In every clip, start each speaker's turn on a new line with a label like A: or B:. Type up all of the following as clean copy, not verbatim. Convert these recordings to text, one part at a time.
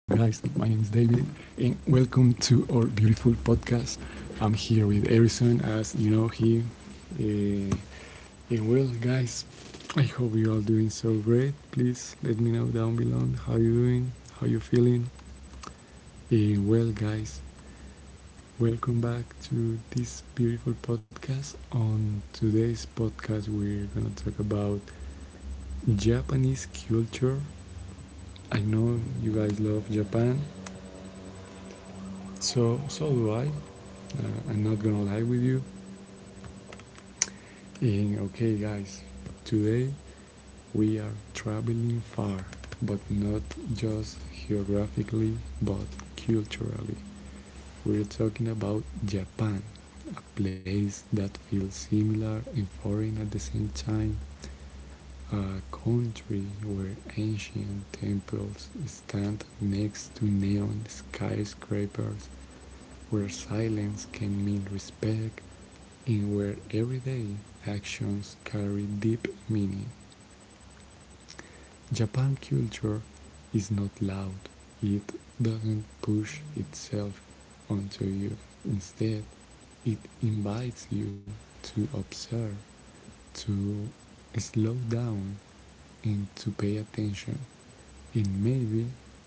A: and welcome to our beautiful podcast. I'm here with Harrison, as you know him. Eh, and well, guys, I hope you all doing so great. Please let me know down below how you doing, how you feeling. And well, guys, welcome back to this beautiful podcast. On today's podcast, we're gonna talk about Japanese culture. I know you guys love Japan, so do I. I'm not gonna lie with you. And okay, guys, today we are traveling far, but not just geographically, but culturally. We're talking about Japan, a place that feels similar and foreign at the same time, a country where ancient temples stand next to neon skyscrapers, where silence can mean respect, and where everyday actions carry deep meaning. Japan culture is not loud, it doesn't push itself onto you. Instead, it invites you to observe, to slow down, and to pay attention. And maybe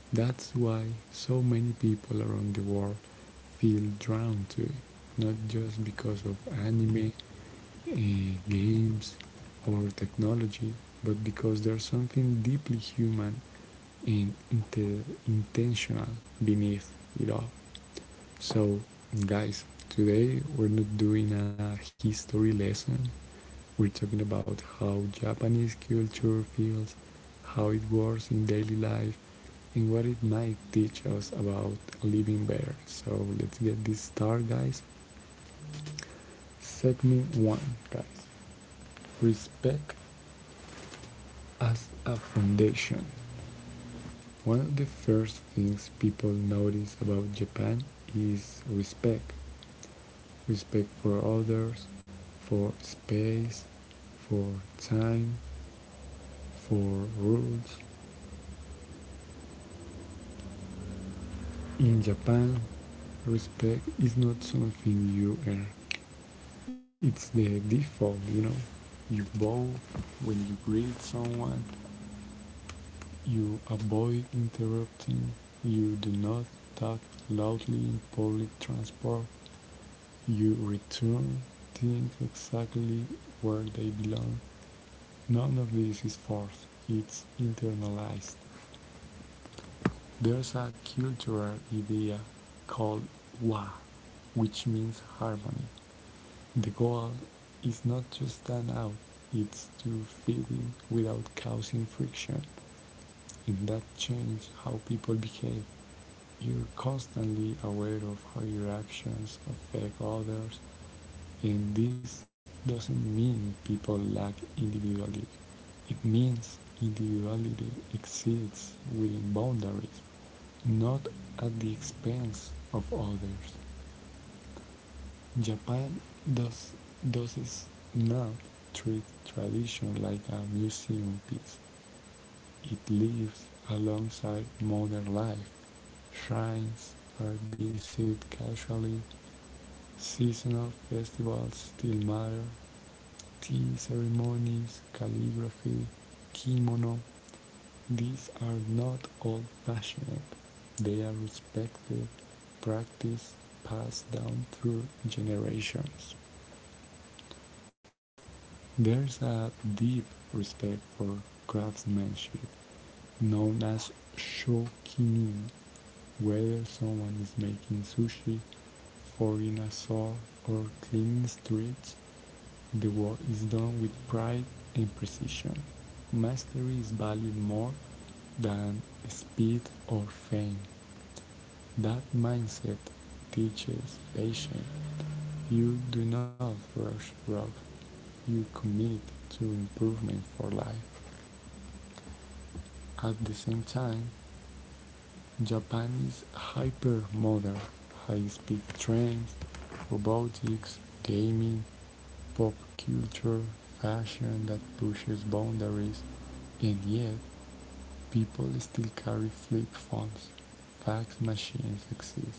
A: that's why so many people around the world feel drawn to it, not just because of anime, games, or technology, but because there's something deeply human and intentional beneath it all. So, guys, today we're not doing a history lesson, we're talking about how Japanese culture feels, how it works in daily life, and what it might teach us about living better. So let's get this started, guys. Segment 1, guys. Respect as a foundation. One of the first things people notice about Japan is respect. Respect for others, for space, for time, for rules. In Japan, respect is not something you earn. It's the default, you know. You bow when you greet someone, you avoid interrupting, you do not talk loudly in public transport, you return things exactly where they belong. None of this is forced, it's internalized. There's a cultural idea called Wa, which means harmony. The goal is not to stand out, it's to fit in without causing friction. And that changes how people behave. You're constantly aware of how your actions affect others, and this doesn't mean people lack individuality. It means individuality exists within boundaries, not at the expense of others. Japan does, does not treat tradition like a museum piece. It lives alongside modern life. Shrines are visited casually, seasonal festivals still matter, tea ceremonies, calligraphy, kimono, these are not old-fashioned, they are respected practice passed down through generations. There's a deep respect for craftsmanship known as shokinin, whether someone is making sushi, forging a saw, or cleaning streets. The work is done with pride and precision. Mastery is valued more than speed or fame. That mindset teaches patience. You do not rush growth. You commit to improvement for life. At the same time, Japanese hypermodal high-speed trains, robotics, gaming, pop culture, fashion that pushes boundaries, and yet people still carry flip phones. Fax machines exist.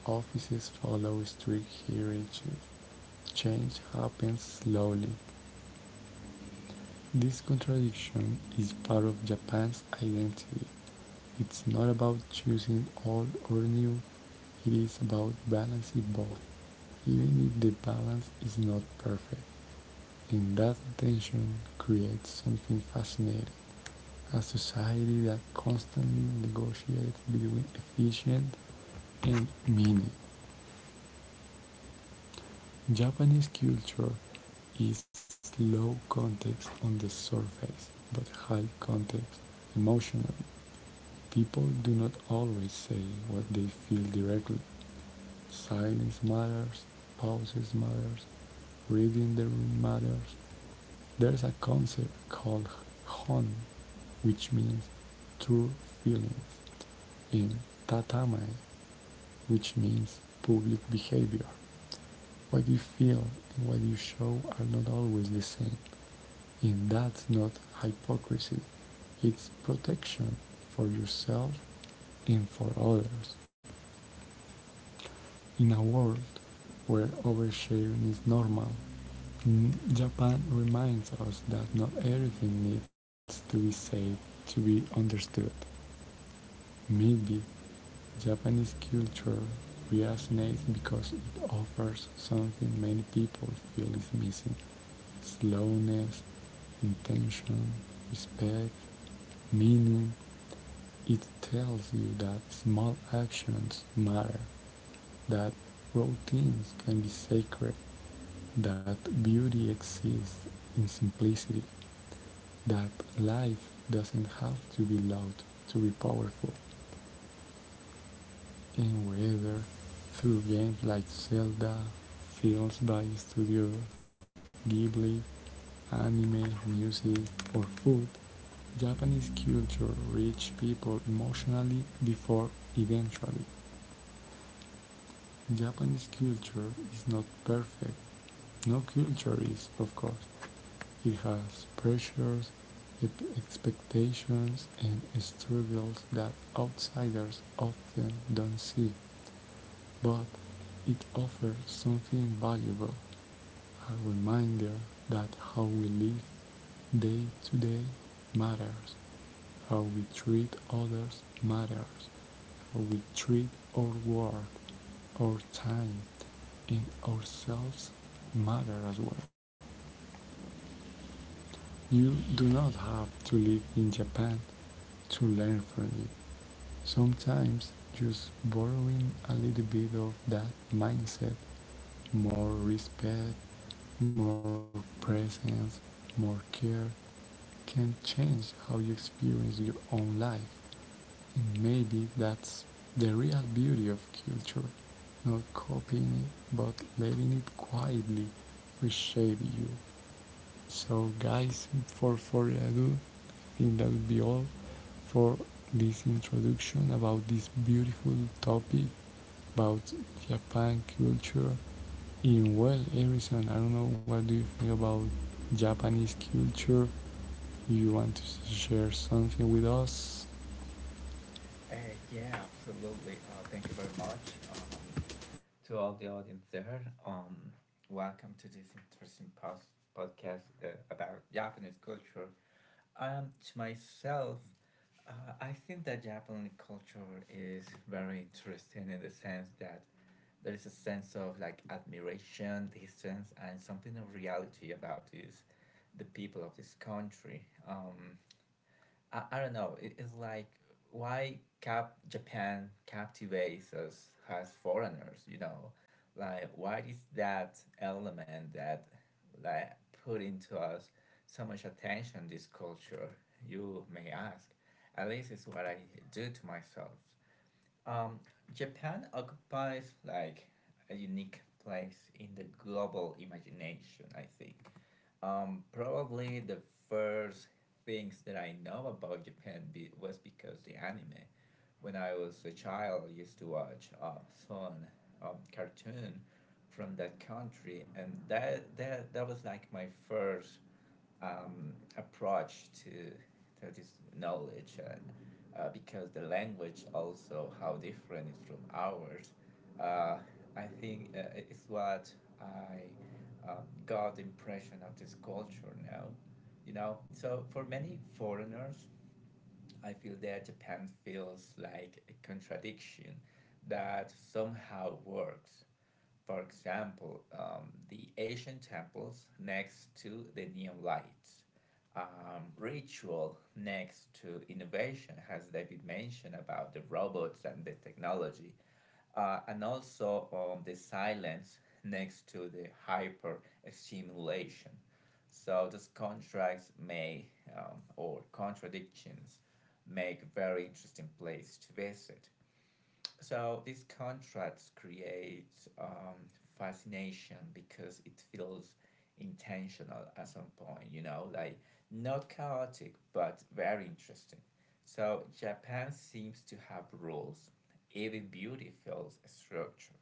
A: Offices follow strict hierarchies. Change happens slowly. This contradiction is part of Japan's identity. It's not about choosing old or new, it is about balancing both, even if the balance is not perfect. And that tension creates something fascinating, a society that constantly negotiates between efficient and meaning. Japanese culture is low context on the surface, but high context emotionally. People do not always say what they feel directly. Silence matters, pauses matters, reading the room matters. There's a concept called hon, which means true feelings, and tatame, which means public behavior. What you feel and what you show are not always the same. And that's not hypocrisy, it's protection for yourself and for others. In a world where oversharing is normal, Japan reminds us that not everything needs to be said to be understood. Maybe Japanese culture resonates because it offers something many people feel is missing, slowness, intention, respect, meaning. It tells you that small actions matter, that routines can be sacred, that beauty exists in simplicity, that life doesn't have to be loud to be powerful, and whether through games like Zelda, films by Studio Ghibli, anime, music, or food, Japanese culture reached people emotionally before eventually. Japanese culture is not perfect. No culture is, of course. It has pressures, expectations, and struggles that outsiders often don't see, but it offers something valuable, a reminder that how we live day to day matters, how we treat others matters, how we treat our work, our time, and ourselves matter as well. You do not have to live in Japan to learn from it. Sometimes just borrowing a little bit of that mindset, more respect, more presence, more care can change how you experience your own life. And maybe that's the real beauty of culture, not copying it, but letting it quietly reshape you. So guys, for further ado, I think that would be all for this introduction about this beautiful topic about Japan culture. In, well, Harrison, I don't know, what do you think about Japanese culture? You want to share something with us?
B: Yeah, absolutely. Thank you very much, to all the audience there. Um, Welcome to this interesting podcast about Japanese culture. To myself, I think that Japanese culture is very interesting in the sense that there is a sense of like admiration, distance, and something of reality about this, the people of this country. I don't know. It is like why cap Japan captivates us as foreigners. You know, like why is that element that like put into us so much attention? This culture, you may ask. At least it's what I do to myself. Um, Japan occupies like a unique place in the global imagination. I think probably the first things that I know about Japan was because the anime. When I was a child, I used to watch some cartoon from that country, and that was like my first approach to this knowledge. And because the language also how different is from ours, uh, I think it's what I got the impression of this culture now, you know. So for many foreigners, I feel that Japan feels like a contradiction that somehow works. For example, the Asian temples next to the neon lights, ritual next to innovation, as David mentioned about the robots and the technology, and also the silence next to the hyper stimulation. So these contrasts may, or contradictions, make very interesting place to visit. So these contrasts create um, fascination because it feels intentional at some point, you know, like not chaotic but very interesting. So Japan seems to have rules. Even beauty feels structured.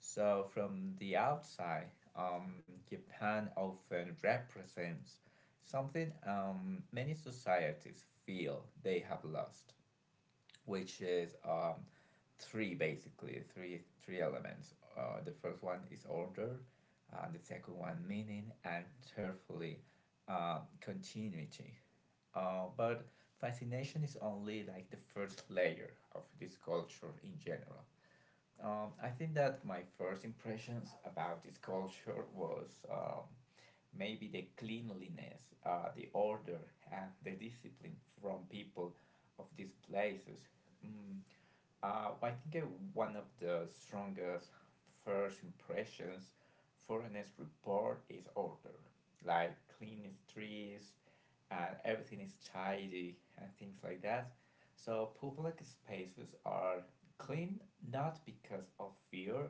B: So from the outside, Japan often represents something, many societies feel they have lost, which is three, basically three elements. The first one is order, the second one meaning, and thirdly, continuity. But fascination is only like the first layer of this culture in general. I think that my first impressions about this culture was, maybe the cleanliness, the order, and the discipline from people of these places. Mm, well, I think one of the strongest first impressions for an S report is order, like clean streets and everything is tidy and things like that. So public spaces are clean not because of fear,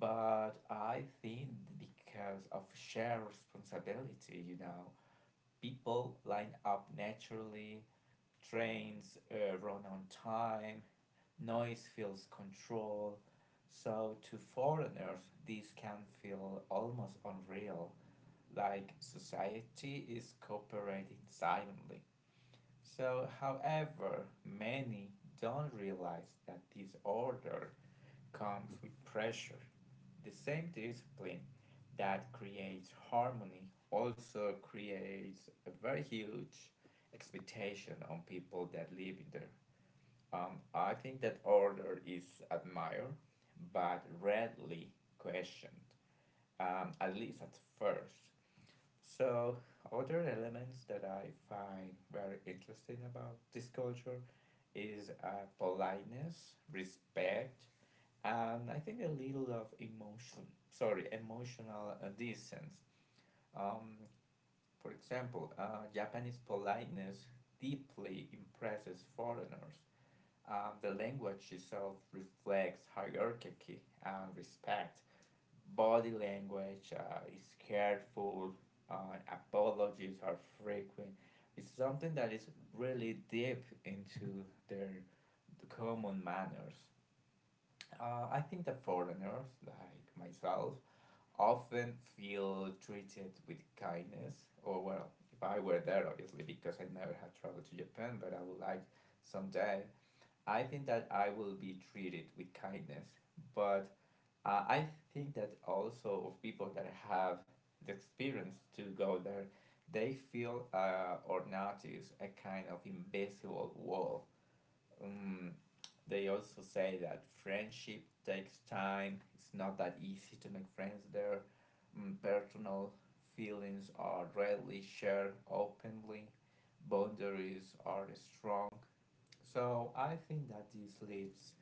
B: but I think because of shared responsibility. You know, people line up naturally, trains run on time, noise feels control. So, to foreigners, these can feel almost unreal, like society is cooperating silently. So, however, many don't realize that disorder comes with pressure. The same discipline that creates harmony also creates a very huge expectation on people that live in there. I think that order is admired, but rarely questioned, at least at first. So, other elements that I find very interesting about this culture is politeness, respect, and I think a little of emotion. Sorry, emotional distance. Um, for example, Japanese politeness deeply impresses foreigners. The language itself reflects hierarchy and respect. Body language is careful, apologies are frequent. It's something that is really deep into their common manners. I think that foreigners, like myself, often feel treated with kindness, or well, if I were there, obviously, because I never had traveled to Japan, but I would like someday I think that I will be treated with kindness. But I think that also of people that have the experience to go there, they feel or notice a kind of invisible wall. um, they also say that friendship takes time. It's not that easy to make friends there. Personal feelings are rarely shared openly. Boundaries are strong. So I think that this leads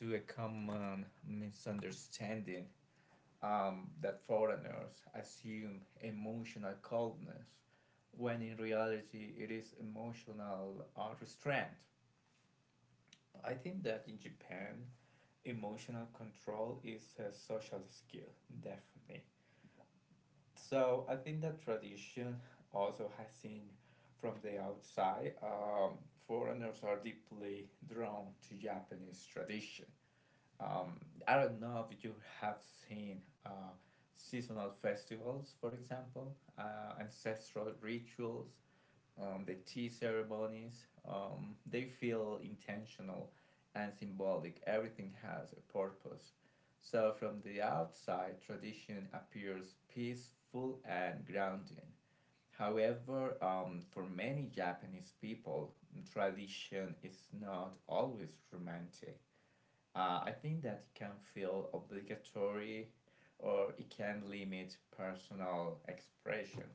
B: to a common misunderstanding, that foreigners assume emotional coldness when in reality it is emotional restraint. I think that in Japan, emotional control is a social skill, definitely. So I think that tradition also has seen from the outside. Foreigners are deeply drawn to Japanese tradition. Um, I don't know if you have seen seasonal festivals, for example, ancestral rituals, the tea ceremonies, they feel intentional and symbolic. Everything has a purpose. So, from the outside, tradition appears peaceful and grounding. However, for many Japanese people, tradition is not always romantic. I think that it can feel obligatory, or it can limit personal expression,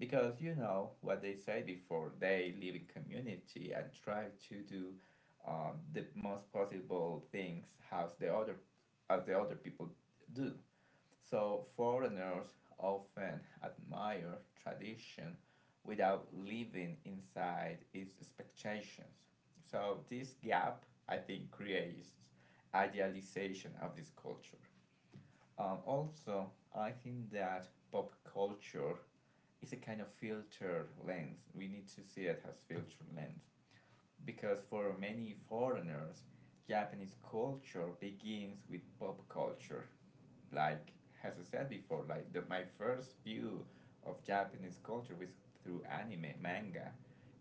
B: because you know what they say before they live in community and try to do the most possible things as the other people do. So foreigners often admire tradition without living inside its expectations. So this gap, I think, creates idealization of this culture. Also, I think that pop culture, it's a kind of filter lens. We need to see it as filter lens because for many foreigners, Japanese culture begins with pop culture, like as I said before, like my first view of Japanese culture was through anime, manga,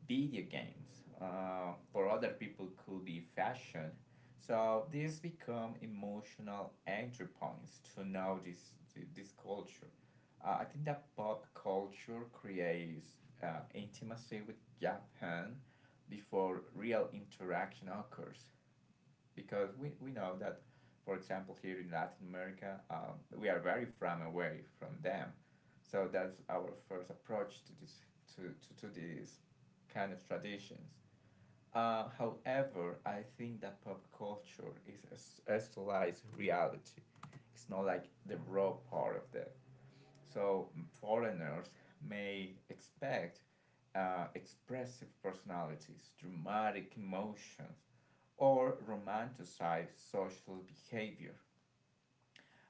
B: video games. For other people, could be fashion. So these become emotional entry points to know this culture. I think that pop culture creates intimacy with Japan before real interaction occurs, because we know that, for example, here in Latin America, we are very far away from them. So that's our first approach to this, to these kind of traditions. However, I think that pop culture is a slice reality. It's not like the raw part of the. So foreigners may expect expressive personalities, dramatic emotions, or romanticize social behavior,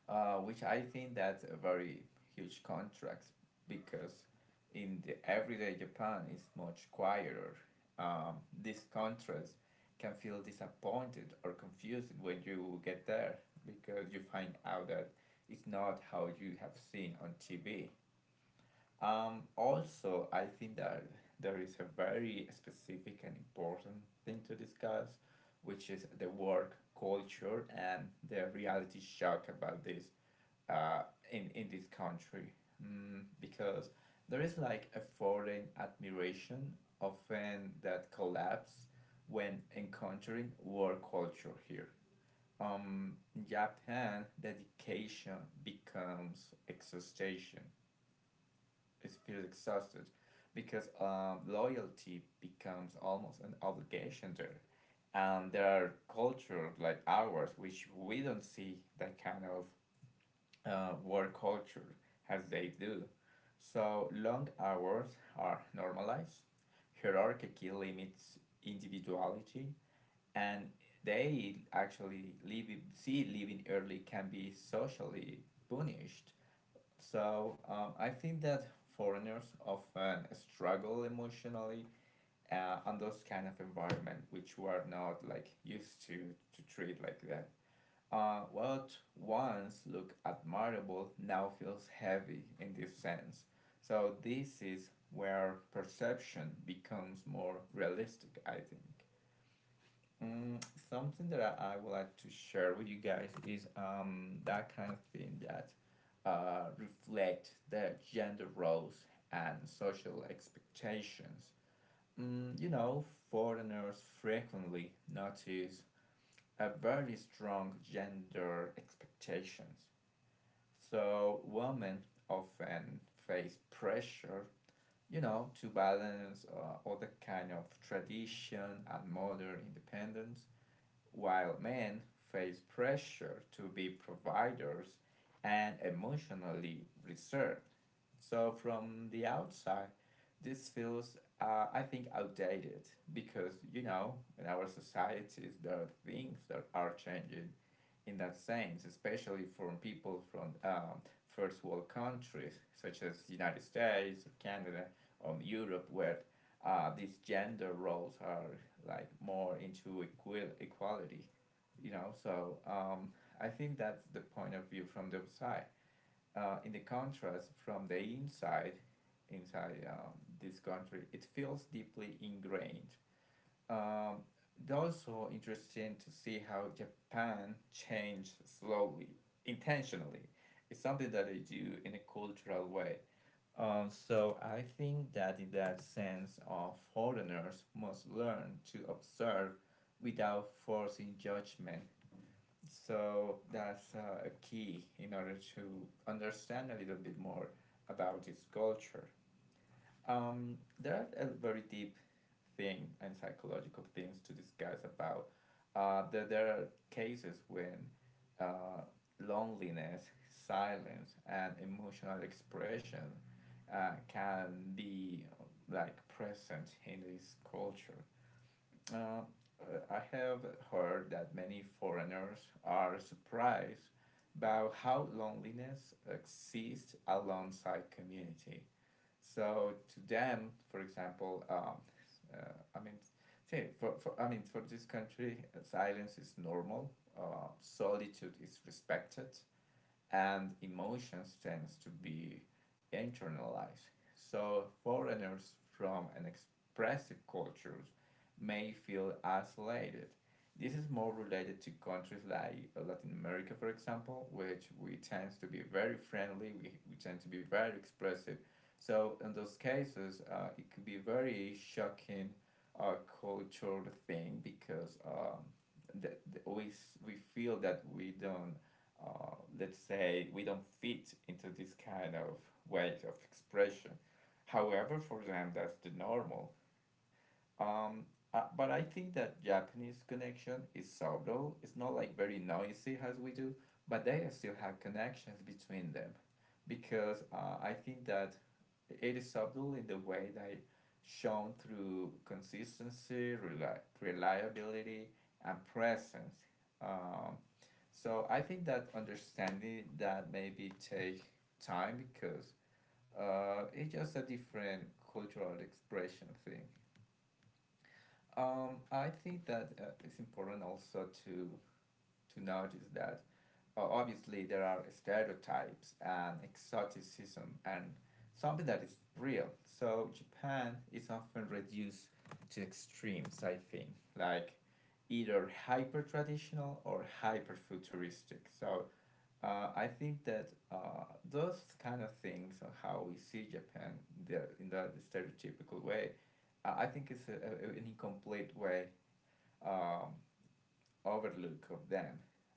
B: which I think that's a very huge contrast because in the everyday Japan is much quieter. Um, this contrast can feel disappointed or confused when you get there because you find out that it's not how you have seen on TV. Also, I think that there is a very specific and important thing to discuss, which is the work culture and the reality shock about this, uh, in this country. Because there is like a foreign admiration often that collapse when encountering work culture here. In Japan, dedication becomes exhaustion, it feels exhausted because loyalty becomes almost an obligation there. And there are cultures like ours which we don't see that kind of work culture as they do. So long hours are normalized, hierarchy limits individuality, and they actually leave, see, leaving early can be socially punished. So I think that foreigners often struggle emotionally on those kind of environment which we are not like used to treat like that. What once looked admirable now feels heavy in this sense. So this is where perception becomes more realistic, I think. Mm, something that I would like to share with you guys is that kind of thing that reflect the gender roles and social expectations. You know, foreigners frequently notice a very strong gender expectations. So women often face pressure, you know, to balance all the kind of tradition and modern independence, while men face pressure to be providers and emotionally reserved. So from the outside, this feels, I think, outdated because you know in our societies there are things that are changing in that sense, especially from people from first world countries such as the United States or Canada or Europe, where these gender roles are like more into equality, you know. So I think that's the point of view from the outside. In the contrast, from the inside, inside um, this country, it feels deeply ingrained. um, it's also interesting to see how Japan changed slowly, intentionally. It's something that they do in a cultural way. So I think that in that sense, foreigners must learn to observe without forcing judgment. So that's a key in order to understand a little bit more about its culture. There are a very deep thing and psychological things to discuss about. There are cases when uh, loneliness, silence, and emotional expression can be like present in this culture. Uh, I have heard that many foreigners are surprised about how loneliness exists alongside community. So to them, for example, uh, I mean, see, for I mean, for this country, silence is normal. Solitude is respected and emotions tends to be internalized. So foreigners from an expressive cultures may feel isolated. This is more related to countries like Latin America, for example, which we tend to be very friendly, we tend to be very expressive. So in those cases, it could be very shocking uh, cultural thing because that, that we feel that we don't, let's say we don't fit into this kind of ways of expression. However, for them that's the normal. Um, but I think that Japanese connection is subtle. It's not like very noisy as we do, but they still have connections between them, because I think that it is subtle in the way that shown through consistency, reliability, and presence. Um, so I think that understanding that maybe take time because it's just a different cultural expression thing. I think that it's important also to notice that obviously there are stereotypes and exoticism and something that is real. So Japan is often reduced to extremes. I think like either hyper traditional or hyper futuristic. So I think that those kind of things, or how we see Japan stereotypical way, I think it's an incomplete way, um, overlook of them.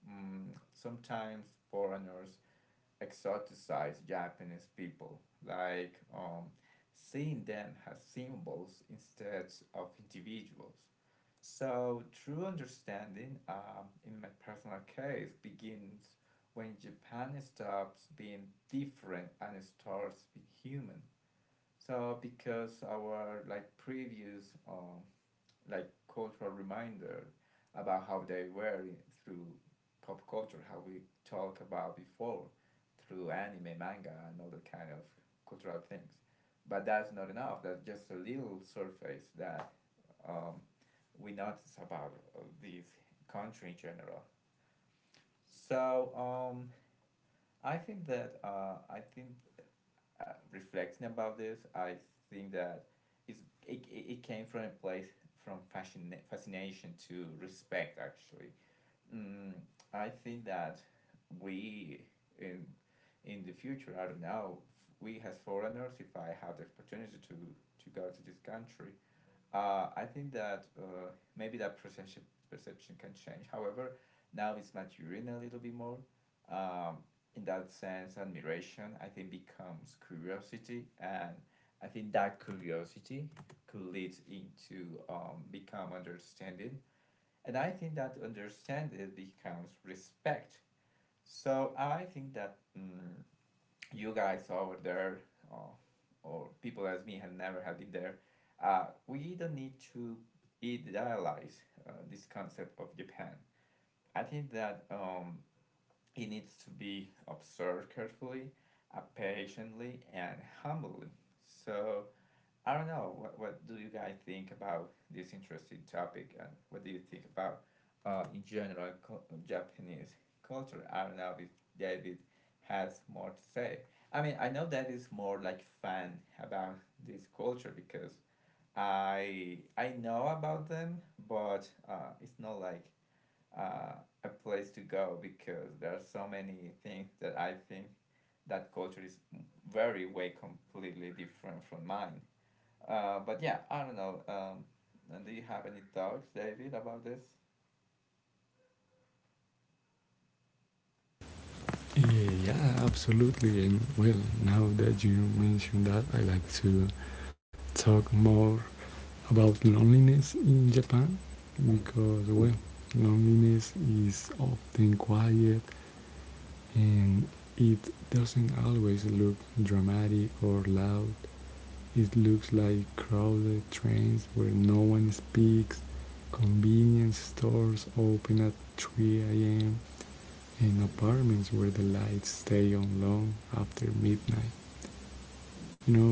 B: Sometimes foreigners exoticize Japanese people, like seeing them as symbols instead of individuals. So, true understanding, in my personal case, begins when Japan stops being different and starts being human. So, because our like previous like cultural reminder about how they were through pop culture, how we talked about before through anime, manga, and other kind of cultural things. But that's not enough. That's just a little surface that um, we notice about this country in general. So um, I think that I think reflecting about this, I think that it's, it came from a place, from fascination to respect, actually. mm, I think that we in in the future, I don't know, we as foreigners, if I have the opportunity to go to this country, I think that maybe that perception can change. However, now it's maturing a little bit more. Um, in that sense, admiration I think becomes curiosity, and I think that curiosity could lead into become understanding, and I think that to understand it becomes respect. So I think that, you guys over there, uh, or people as me have never have been there, we don't need to idealize this concept of Japan. I think that it needs to be observed carefully, patiently, and humbly. So I don't know. What do you guys think about this interesting topic? And what do you think about, in general, Japanese culture? I don't know if David has more to say. I mean, I know David's more like fan about this culture because I know about them, but it's not like uh, a place to go because there are so many things that I think that culture is very way completely different from mine. But yeah, I don't know. Do you have any thoughts, David, about this?
A: Yeah, absolutely. And well, now that you mentioned that, I like to talk more about loneliness in Japan because, well, loneliness is often quiet and it doesn't always look dramatic or loud. It looks like crowded trains where no one speaks, convenience stores open at 3 a.m., and apartments where the lights stay on long after midnight. You know,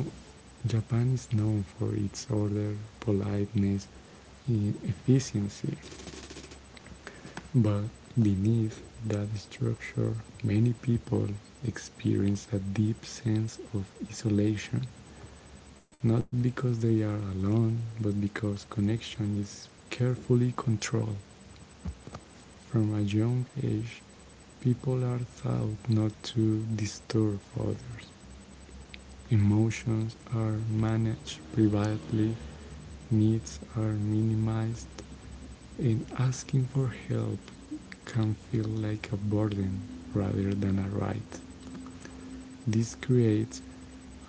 A: Japan is known for its order, politeness, and efficiency. But beneath that structure, many people experience a deep sense of isolation, not because they are alone, but because connection is carefully controlled. From a young age, people are taught not to disturb others. Emotions are managed privately, needs are minimized, and asking for help can feel like a burden rather than a right. This creates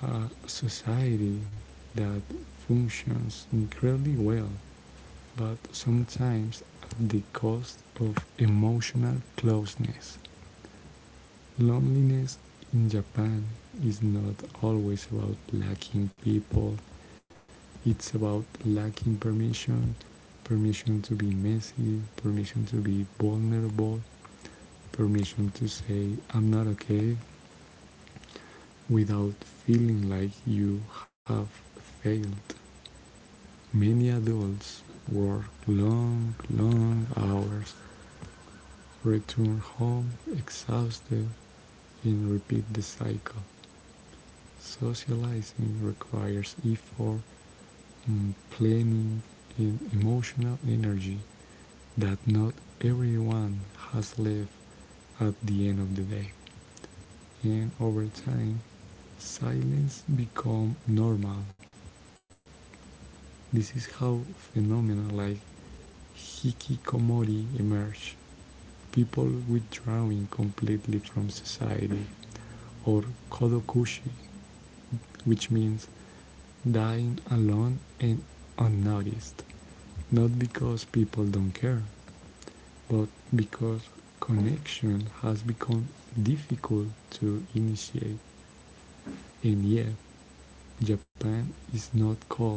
A: a society that functions incredibly well, but sometimes at the cost of emotional closeness. Loneliness in Japan is not always about lacking people, it's about lacking permission, permission to be messy, permission to be vulnerable, permission to say, I'm not okay, without feeling like you have failed. Many adults work long, long hours, return home exhausted, and repeat the cycle. Socializing requires effort, planning, and emotional energy that not everyone has left at the end of the day. And over time, silence become normal. This is how phenomena like hikikomori emerge. People withdrawing completely from society, or kodokushi, which means dying alone and unnoticed. Not because people don't care, but because connection has become difficult to initiate, and yet Japan is not cold,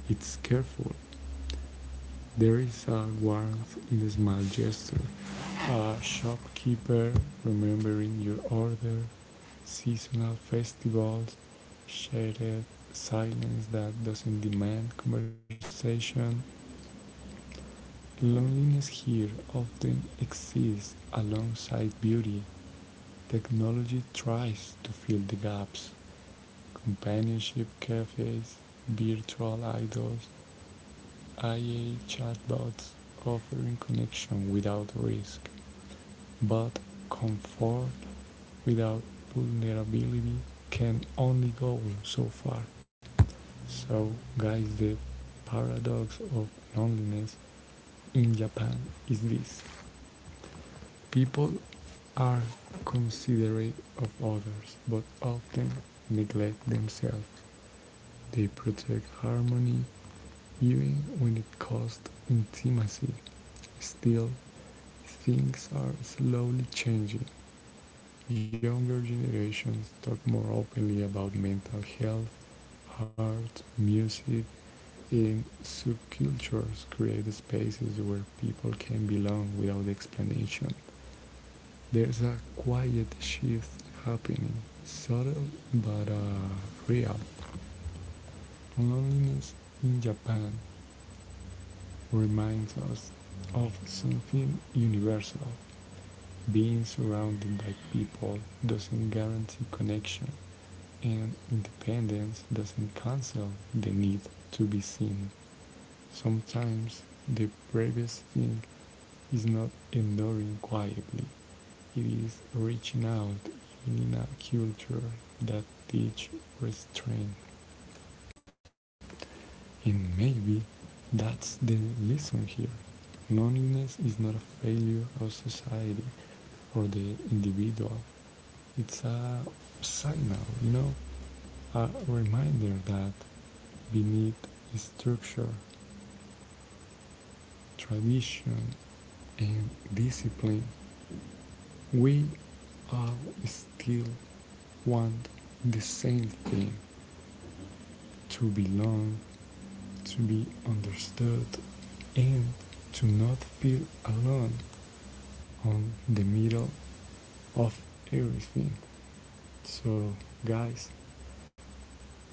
A: it's careful. There is a warmth in a small gesture, a shopkeeper remembering your order, seasonal festivals, shattered silence that doesn't demand conversation. Loneliness here often exists alongside beauty. Technology tries to fill the gaps. Companionship cafes, virtual idols, AI chatbots offering connection without risk. But comfort without vulnerability can only go so far. So, guys, the paradox of loneliness in Japan is this, people are considerate of others but often neglect themselves. They protect harmony even when it costs intimacy. Still, things are slowly changing. Younger generations talk more openly about mental health, art, music. In subcultures, create spaces where people can belong without explanation. There's a quiet shift happening, subtle but real. Loneliness in Japan reminds us of something universal. Being surrounded by people doesn't guarantee connection, and independence doesn't cancel the need to be seen. Sometimes the bravest thing is not enduring quietly, it is reaching out even in a culture that teach restraint. And maybe that's the lesson here. Loneliness is not a failure of society or the individual. It's a signal, you know, a reminder that beneath structure, tradition, and discipline, we all still want the same thing, to belong, to be understood, and to not feel alone on the middle of everything. So, guys,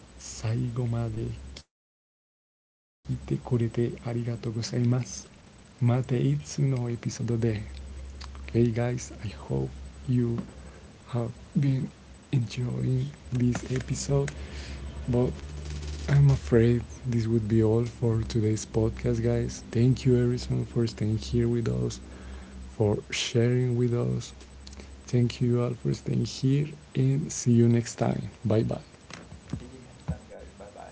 A: 最後まで聞いてくれてありがとうございます。またいつのエピソードで。Okay, guys, I hope you have been enjoying this episode. But I'm afraid this would be all for today's podcast, guys. Thank you, Harrison, for staying here with us, for sharing with us. Thank you all for staying here, and see you next time. Bye bye.
B: See you next time, guys. Bye bye.